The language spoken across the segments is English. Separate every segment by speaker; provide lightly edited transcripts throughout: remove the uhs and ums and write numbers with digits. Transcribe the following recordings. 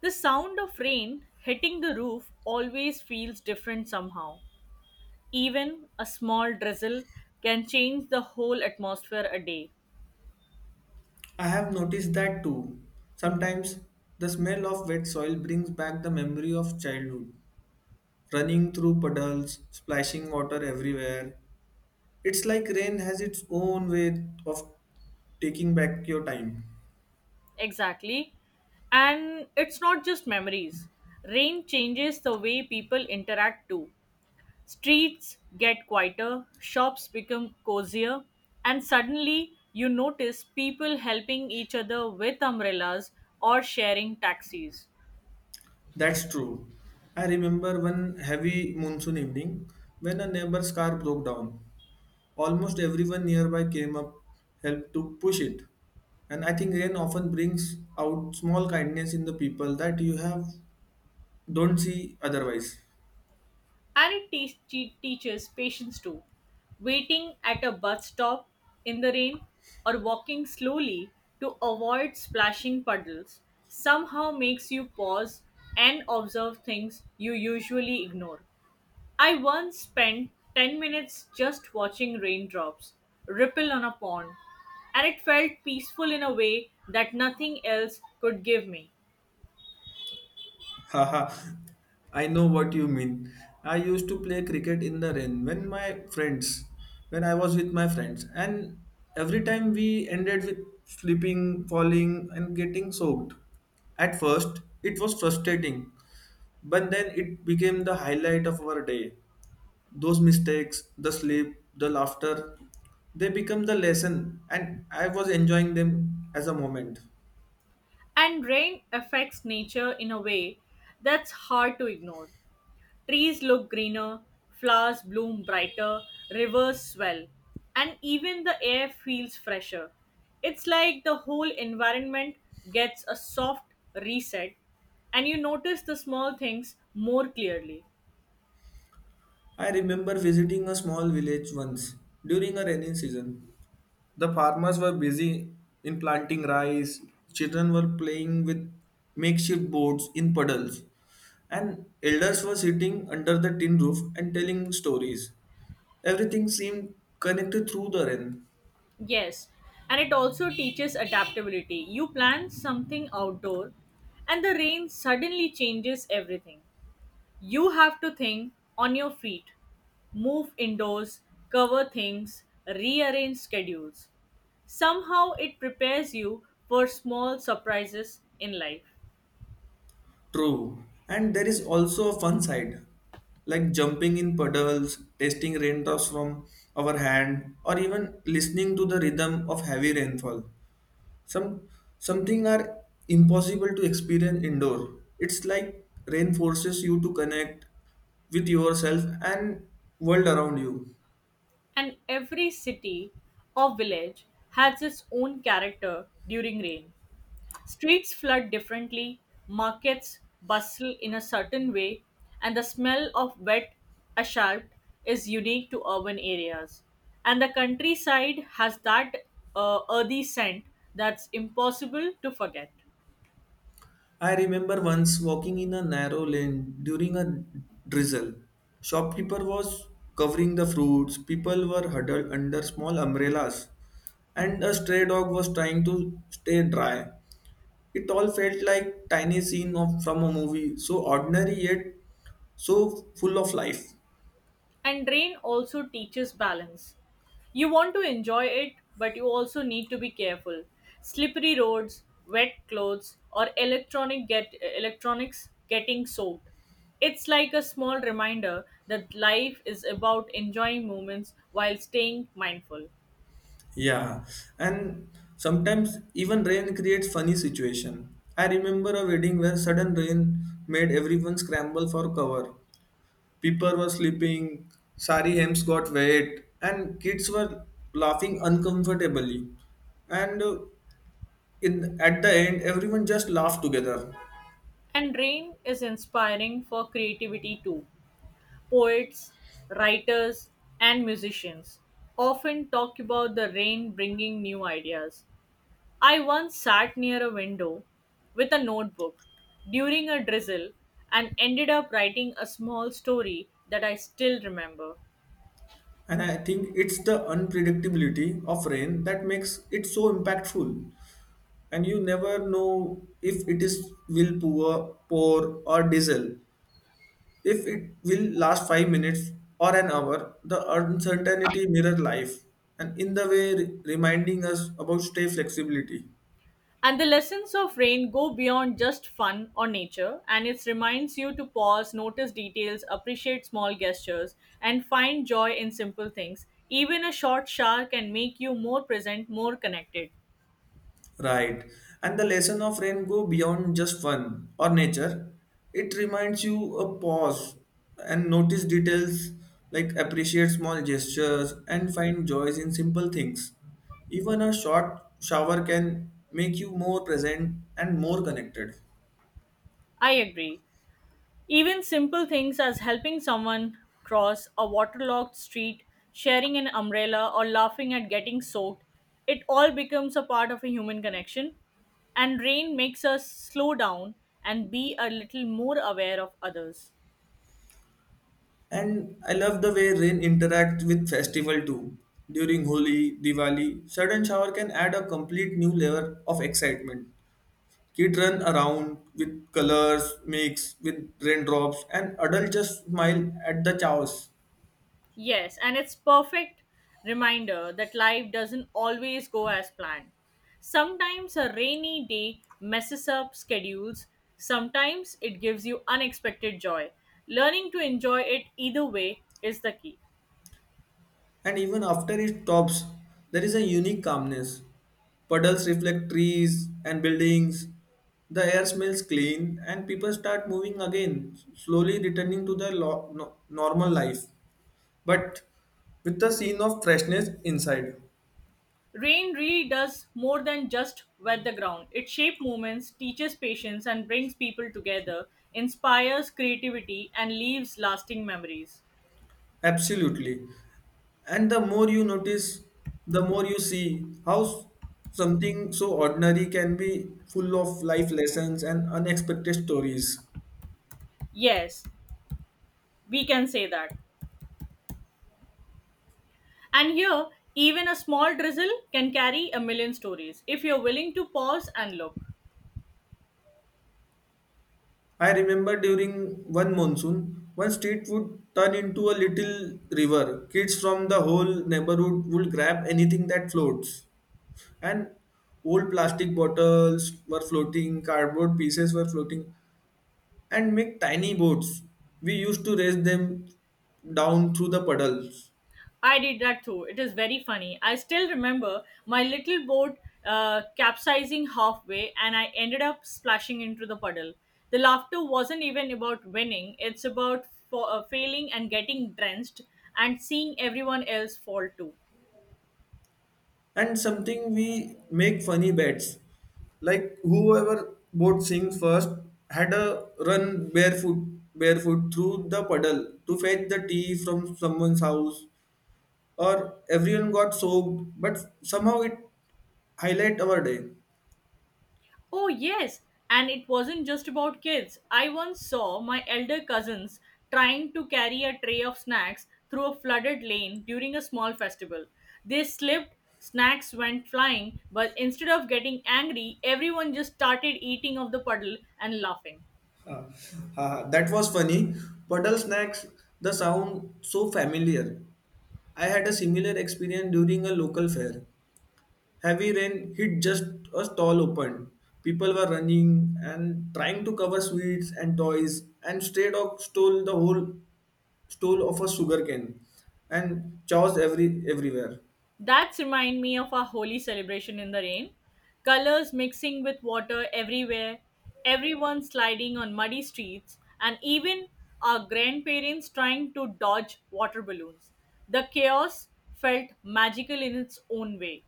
Speaker 1: The sound of rain hitting the roof always feels different somehow. Even a small drizzle can change the whole atmosphere a day.
Speaker 2: I have noticed that too. Sometimes the smell of wet soil brings back the memory of childhood, running through puddles, splashing water everywhere. It's like rain has its own way of taking back your time.
Speaker 1: Exactly. And it's not just memories. Rain changes the way people interact too. Streets get quieter, shops become cozier, and suddenly you notice people helping each other with umbrellas or sharing taxis.
Speaker 2: That's true. I remember one heavy monsoon evening when a neighbor's car broke down. Almost everyone nearby came up, helped to push it. And I think rain often brings out small kindness in the people that you have don't see otherwise.
Speaker 1: And it teaches patience too. Waiting at a bus stop in the rain or walking slowly to avoid splashing puddles somehow makes you pause and observe things you usually ignore. I once spent 10 minutes just watching raindrops ripple on a pond, and it felt peaceful in a way that nothing else could give me.
Speaker 2: Haha, I know what you mean. I used to play cricket in the rain when I was with my friends, and every time we ended with slipping, falling, and getting soaked. At first, it was frustrating, but then it became the highlight of our day. Those mistakes, the sleep, the laughter, they become the lesson, and I was enjoying them as a moment.
Speaker 1: And rain affects nature in a way that's hard to ignore. Trees look greener, flowers bloom brighter, rivers swell, and even the air feels fresher. It's like the whole environment gets a soft reset and you notice the small things more clearly.
Speaker 2: I remember visiting a small village once during a rainy season. The farmers were busy in planting rice, children were playing with makeshift boats in puddles, and elders were sitting under the tin roof and telling stories. Everything seemed connected through the rain.
Speaker 1: Yes, and it also teaches adaptability. You plan something outdoor and the rain suddenly changes everything. You have to think on your feet, move indoors, cover things, rearrange schedules. Somehow it prepares you for small surprises in life.
Speaker 2: True. And there is also a fun side, like jumping in puddles, tasting raindrops from our hand, or even listening to the rhythm of heavy rainfall. Some something are impossible to experience indoor. It's like rain forces you to connect with yourself and world around you.
Speaker 1: And every city or village has its own character during rain. Streets flood differently, markets bustle in a certain way, and the smell of wet asphalt is unique to urban areas. And the countryside has that earthy scent that's impossible to forget.
Speaker 2: I remember once walking in a narrow lane during a drizzle. Shopkeeper was covering the fruits, people were huddled under small umbrellas, and a stray dog was trying to stay dry. It all felt like tiny scene from a movie, so ordinary yet so full of life.
Speaker 1: And rain also teaches balance. You want to enjoy it, but you also need to be careful. Slippery roads, wet clothes, or electronics getting soaked. It's like a small reminder that life is about enjoying moments while staying mindful.
Speaker 2: Yeah, and sometimes even rain creates funny situation. I remember a wedding where sudden rain made everyone scramble for cover. People were sleeping, sari hems got wet, and kids were laughing uncomfortably. And in At the end, everyone just laughed together.
Speaker 1: And rain is inspiring for creativity too. Poets, writers, and musicians often talk about the rain bringing new ideas. I once sat near a window with a notebook during a drizzle and ended up writing a small story that I still remember.
Speaker 2: And I think it's the unpredictability of rain that makes it so impactful, and you never know if it is will pour or diesel. If it will last 5 minutes or an hour, the uncertainty mirror life, and in the way reminding us about stay flexibility.
Speaker 1: And the lessons of rain go beyond just fun or nature, and it reminds you to pause, notice details, appreciate small gestures, and find joy in simple things. Even a short shower can make you more present, more connected.
Speaker 2: Right. And the lesson of rain go beyond just fun or nature. It reminds you a pause and notice details like appreciate small gestures and find joys in simple things. Even a short shower can make you more present and more connected.
Speaker 1: I agree. Even simple things as helping someone cross a waterlogged street, sharing an umbrella, or laughing at getting soaked, it all becomes a part of a human connection. And rain makes us slow down and be a little more aware of others.
Speaker 2: And I love the way rain interacts with festival too. During Holi, Diwali, sudden shower can add a complete new layer of excitement. Kids run around with colors, mix with raindrops, and adults just smile at the chaos.
Speaker 1: Yes, and it's perfect reminder that life doesn't always go as planned. Sometimes a rainy day messes up schedules, sometimes it gives you unexpected joy. Learning to enjoy it either way is the key.
Speaker 2: And even after it stops, there is a unique calmness. Puddles reflect trees and buildings. The air smells clean, and people start moving again, slowly returning to their normal life, but with the scene of freshness inside.
Speaker 1: Rain really does more than just wet the ground. It shapes moments, teaches patience, and brings people together, inspires creativity, and leaves lasting memories.
Speaker 2: Absolutely. And the more you notice, the more you see how something so ordinary can be full of life lessons and unexpected stories.
Speaker 1: Yes, we can say that. And here, even a small drizzle can carry a million stories if you're willing to pause and look.
Speaker 2: I remember during one monsoon, one street would turn into a little river. Kids from the whole neighborhood would grab anything that floats, and old plastic bottles were floating, cardboard pieces were floating, and make tiny boats. We used to race them down through the puddles.
Speaker 1: I did that too. It is very funny. I still remember my little boat capsizing halfway and I ended up splashing into the puddle. The laughter wasn't even about winning, it's about failing and getting drenched and seeing everyone else fall too.
Speaker 2: And something we make funny bets. Like whoever boat sinks first had a run barefoot through the puddle to fetch the tea from someone's house, or everyone got soaked but somehow it highlight our day.
Speaker 1: Oh, yes, and it wasn't just about kids. I once saw my elder cousins trying to carry a tray of snacks through a flooded lane during a small festival. They slipped, snacks went flying, but instead of getting angry, everyone just started eating of the puddle and laughing.
Speaker 2: Haha, that was funny. Puddle snacks the sound so familiar. I had a similar experience during a local fair. Heavy rain hit just a stall opened. People were running and trying to cover sweets and toys, and stray dog stole the whole stole of a sugar cane and chaos everywhere.
Speaker 1: That reminds me of our holy celebration in the rain. Colors mixing with water everywhere, everyone sliding on muddy streets, and even our grandparents trying to dodge water balloons. The chaos felt magical in its own way.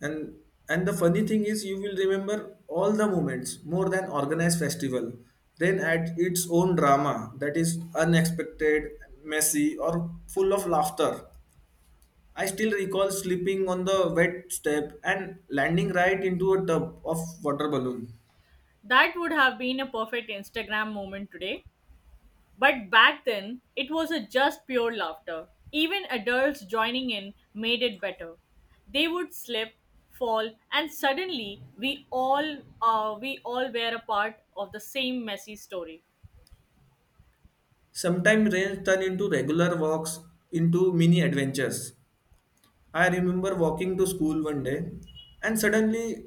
Speaker 2: And and the funny thing is, you will remember all the moments more than organized festival. Rain at its own drama that is unexpected, messy, or full of laughter. I still recall slipping on the wet step and landing right into a tub of water balloon.
Speaker 1: That would have been a perfect Instagram moment today. But back then, it was a just pure laughter. Even adults joining in made it better. They would slip, fall, and suddenly we all were a part of the same messy story.
Speaker 2: Sometimes rains turn into regular walks into mini adventures. I remember walking to school one day, and suddenly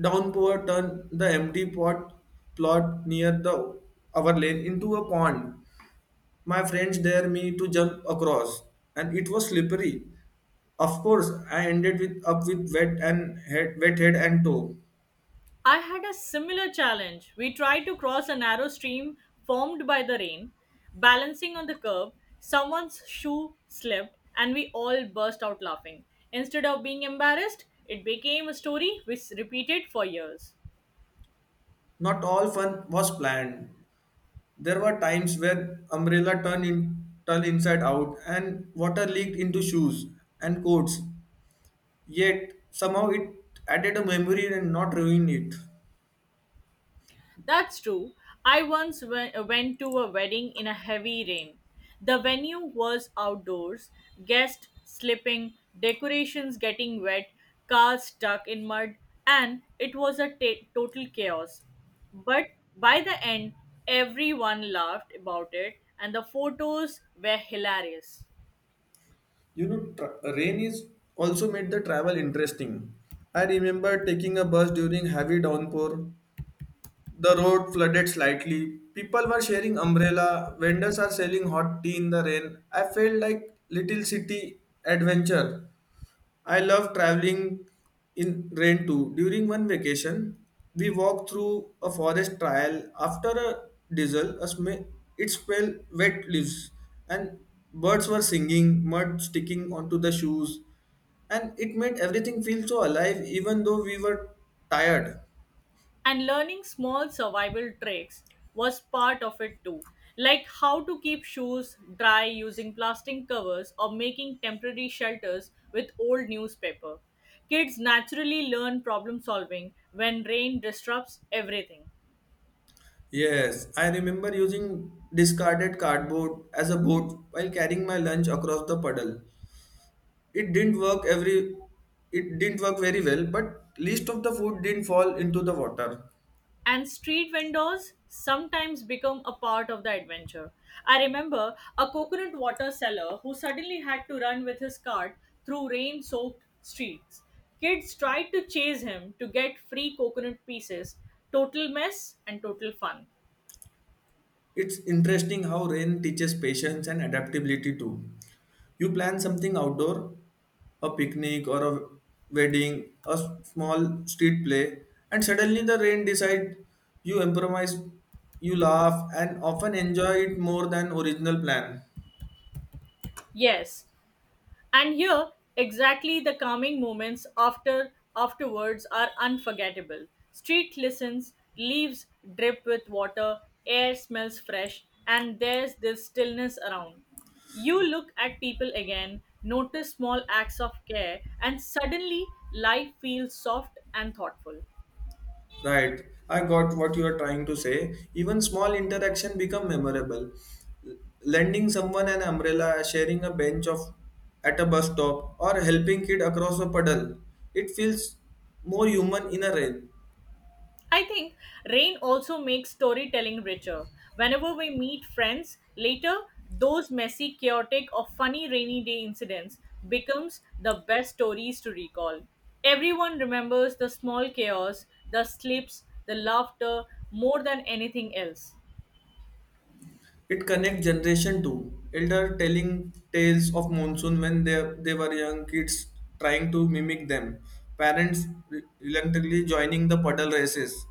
Speaker 2: downpour turned the empty pot plot near the our lane into a pond. My friends dared me to jump across, and it was slippery. Of course, I ended with up with wet head and toe.
Speaker 1: I had a similar challenge. We tried to cross a narrow stream formed by the rain, balancing on the curb. Someone's shoe slipped, and we all burst out laughing. Instead of being embarrassed, it became a story which repeated for years.
Speaker 2: Not all fun was planned. There were times where umbrella turned inside out and water leaked into shoes and coats. Yet somehow it added a memory and not ruined it.
Speaker 1: That's true. Went to a wedding in a heavy rain. The venue was outdoors, guests slipping, decorations getting wet, cars stuck in mud, and it was a ta total chaos. But by the end, everyone laughed about it, and the photos were hilarious.
Speaker 2: You know, rain is also made the travel interesting. I remember taking a bus during heavy downpour. The road flooded slightly. People were sharing umbrella. Vendors are selling hot tea in the rain. I felt like little city adventure. I love traveling in rain too. During one vacation, we walked through a forest trail. After a diesel, it smelled wet leaves, and birds were singing, mud sticking onto the shoes, and it made everything feel so alive even though we were tired.
Speaker 1: And learning small survival tricks was part of it too, like how to keep shoes dry using plastic covers or making temporary shelters with old newspaper. Kids naturally learn problem solving when rain disrupts everything.
Speaker 2: Yes, I remember using discarded cardboard as a boat while carrying my lunch across the puddle. It didn't work every it didn't work very well, but least of the food didn't fall into the water.
Speaker 1: And street vendors sometimes become a part of the adventure. I remember a coconut water seller who suddenly had to run with his cart through rain soaked streets. Kids tried to chase him to get free coconut pieces. Total mess and total fun.
Speaker 2: It's interesting how rain teaches patience and adaptability too. You plan something outdoor, a picnic or a wedding, a small street play, and suddenly the rain decides, you improvise, you laugh, and often enjoy it more than original plan.
Speaker 1: Yes, and here, exactly the calming moments after afterwards are unforgettable. Street listens, leaves drip with water, air smells fresh, and there's this stillness around. You look at people again, notice small acts of care, and suddenly life feels soft and thoughtful.
Speaker 2: Right. I got what you are trying to say. Even small interaction become memorable. L- Lending someone an umbrella, sharing a bench of at a bus stop, or helping kid across a puddle. It feels more human in a rain.
Speaker 1: I think rain also makes storytelling richer. Whenever we meet friends later, those messy, chaotic, or funny rainy day incidents becomes the best stories to recall. Everyone remembers the small chaos, the slips, the laughter more than anything else.
Speaker 2: It connects generation too. Elder telling tales of monsoon when they were young, kids trying to mimic them. Parents reluctantly joining the puddle races.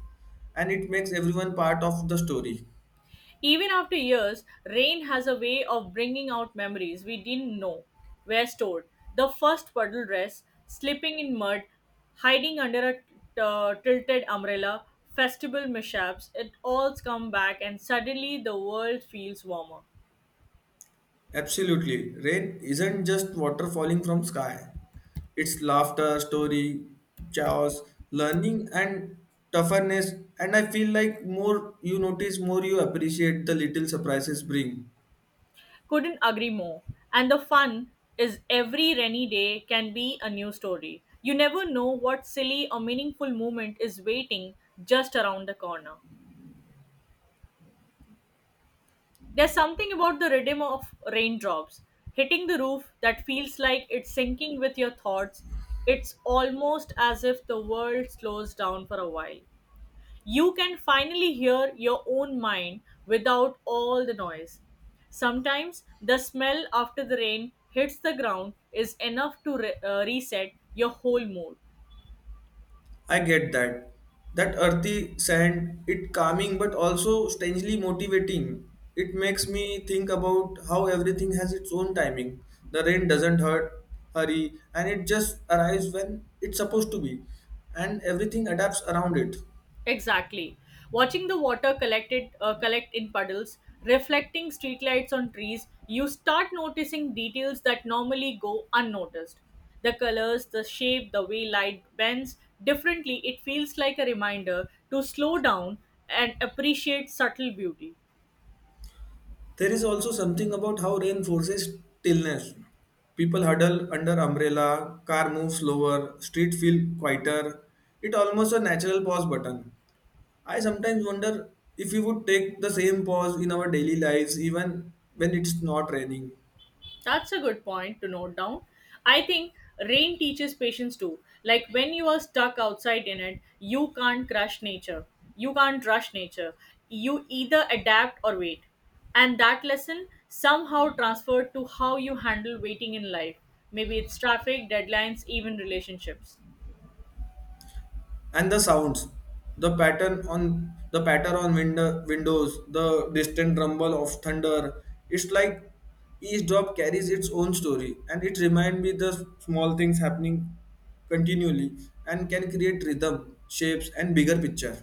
Speaker 2: And it makes everyone part of the story.
Speaker 1: Even after years, rain has a way of bringing out memories we didn't know were stored. The first puddle dress, slipping in mud, hiding under a tilted umbrella, festival mishaps, it all comes back and suddenly the world feels warmer.
Speaker 2: Absolutely. Rain isn't just water falling from sky. It's laughter, story, chaos, learning and toughness, and I feel like more you notice more you appreciate the little surprises bring.
Speaker 1: Couldn't agree more. And the fun is every rainy day can be a new story. You never know what silly or meaningful moment is waiting just around the corner. There's something about the rhythm of raindrops hitting the roof that feels like it's sinking with your thoughts. It's almost as if the world slows down for a while. You can finally hear your own mind without all the noise. Sometimes the smell after the rain hits the ground is enough to reset your whole mood.
Speaker 2: I get that. That earthy sand, it calming but also strangely motivating. It makes me think about how everything has its own timing. The rain doesn't hurry, and it just arrives when it's supposed to be, and everything adapts around it.
Speaker 1: Exactly. Watching the water collected collect in puddles, reflecting streetlights on trees, you start noticing details that normally go unnoticed. The colors, the shape, the way light bends differently, it feels like a reminder to slow down and appreciate subtle beauty.
Speaker 2: There is also something about how rain forces stillness. People huddle under umbrella, car moves slower, street feel quieter. It almost a natural pause button. I sometimes wonder if we would take the same pause in our daily lives even when it's not raining.
Speaker 1: That's a good point to note down. I think rain teaches patience too. Like when you are stuck outside in it, you can't crush nature. You can't rush nature. You either adapt or wait. And that lesson somehow transferred to how you handle waiting in life. Maybe it's traffic, deadlines, even relationships.
Speaker 2: And the sounds, the patter on windows, the distant rumble of thunder. It's like each drop carries its own story, and it reminds me the small things happening continually and can create rhythm, shapes and bigger picture.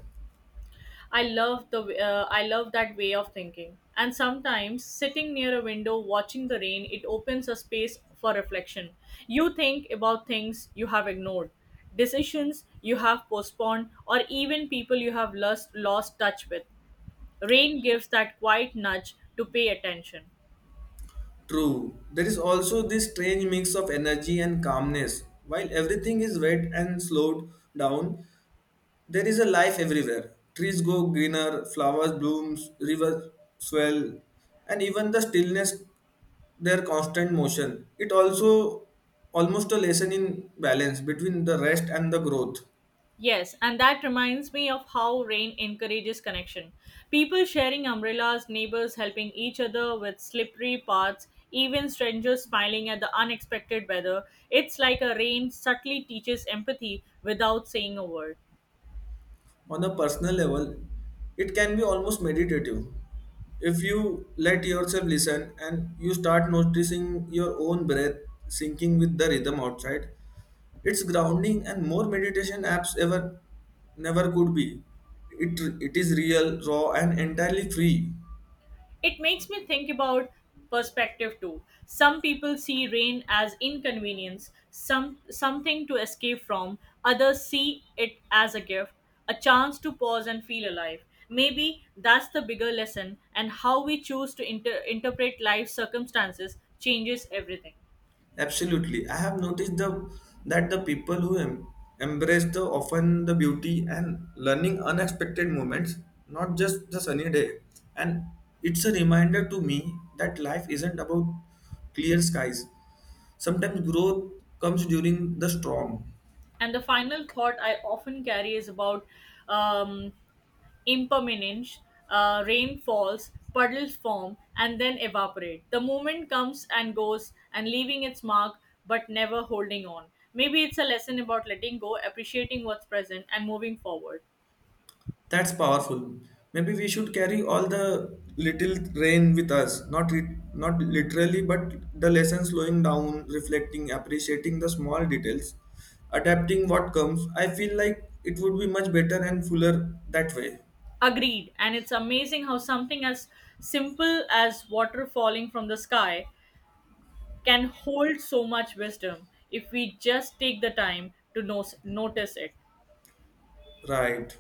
Speaker 1: I love that way of thinking. And sometimes sitting near a window watching the rain, it opens a space for reflection. You think about things you have ignored, decisions you have postponed, or even people you have lost touch with. Rain gives that quiet nudge to pay attention.
Speaker 2: True. There is also this strange mix of energy and calmness. While everything is wet and slowed down, there is a life everywhere. Trees go greener, flowers blooms, rivers swell, and even the stillness, their constant motion. It also almost a lesson in balance between the rest and the growth.
Speaker 1: Yes, and that reminds me of how rain encourages connection. People sharing umbrellas, neighbors helping each other with slippery paths, even strangers smiling at the unexpected weather. It's like a rain subtly teaches empathy without saying a word.
Speaker 2: On a personal level, it can be almost meditative. If you let yourself listen and you start noticing your own breath syncing with the rhythm outside, it's grounding and more meditation apps ever never could be. It is real, raw, and entirely free.
Speaker 1: It makes me think about perspective too. Some people see rain as inconvenience, something to escape from, others see it as a gift, a chance to pause and feel alive. Maybe that's the bigger lesson and how we choose to interpret life circumstances changes everything.
Speaker 2: Absolutely. I have noticed the that the people who embrace the often the beauty and learning unexpected moments, not just the sunny day. And it's a reminder to me that life isn't about clear skies. Sometimes growth comes during the storm.
Speaker 1: And the final thought I often carry is about um, impermanence, rain falls, puddles form, and then evaporate. The moment comes and goes and leaving its mark but never holding on. Maybe it's a lesson about letting go, appreciating what's present, and moving forward.
Speaker 2: That's powerful. Maybe we should carry all the little rain with us, not literally, but the lesson slowing down, reflecting, appreciating the small details, adapting what comes. I feel like it would be much better and fuller that way.
Speaker 1: Agreed. And it's amazing how something as simple as water falling from the sky can hold so much wisdom if we just take the time to notice it.
Speaker 2: Right.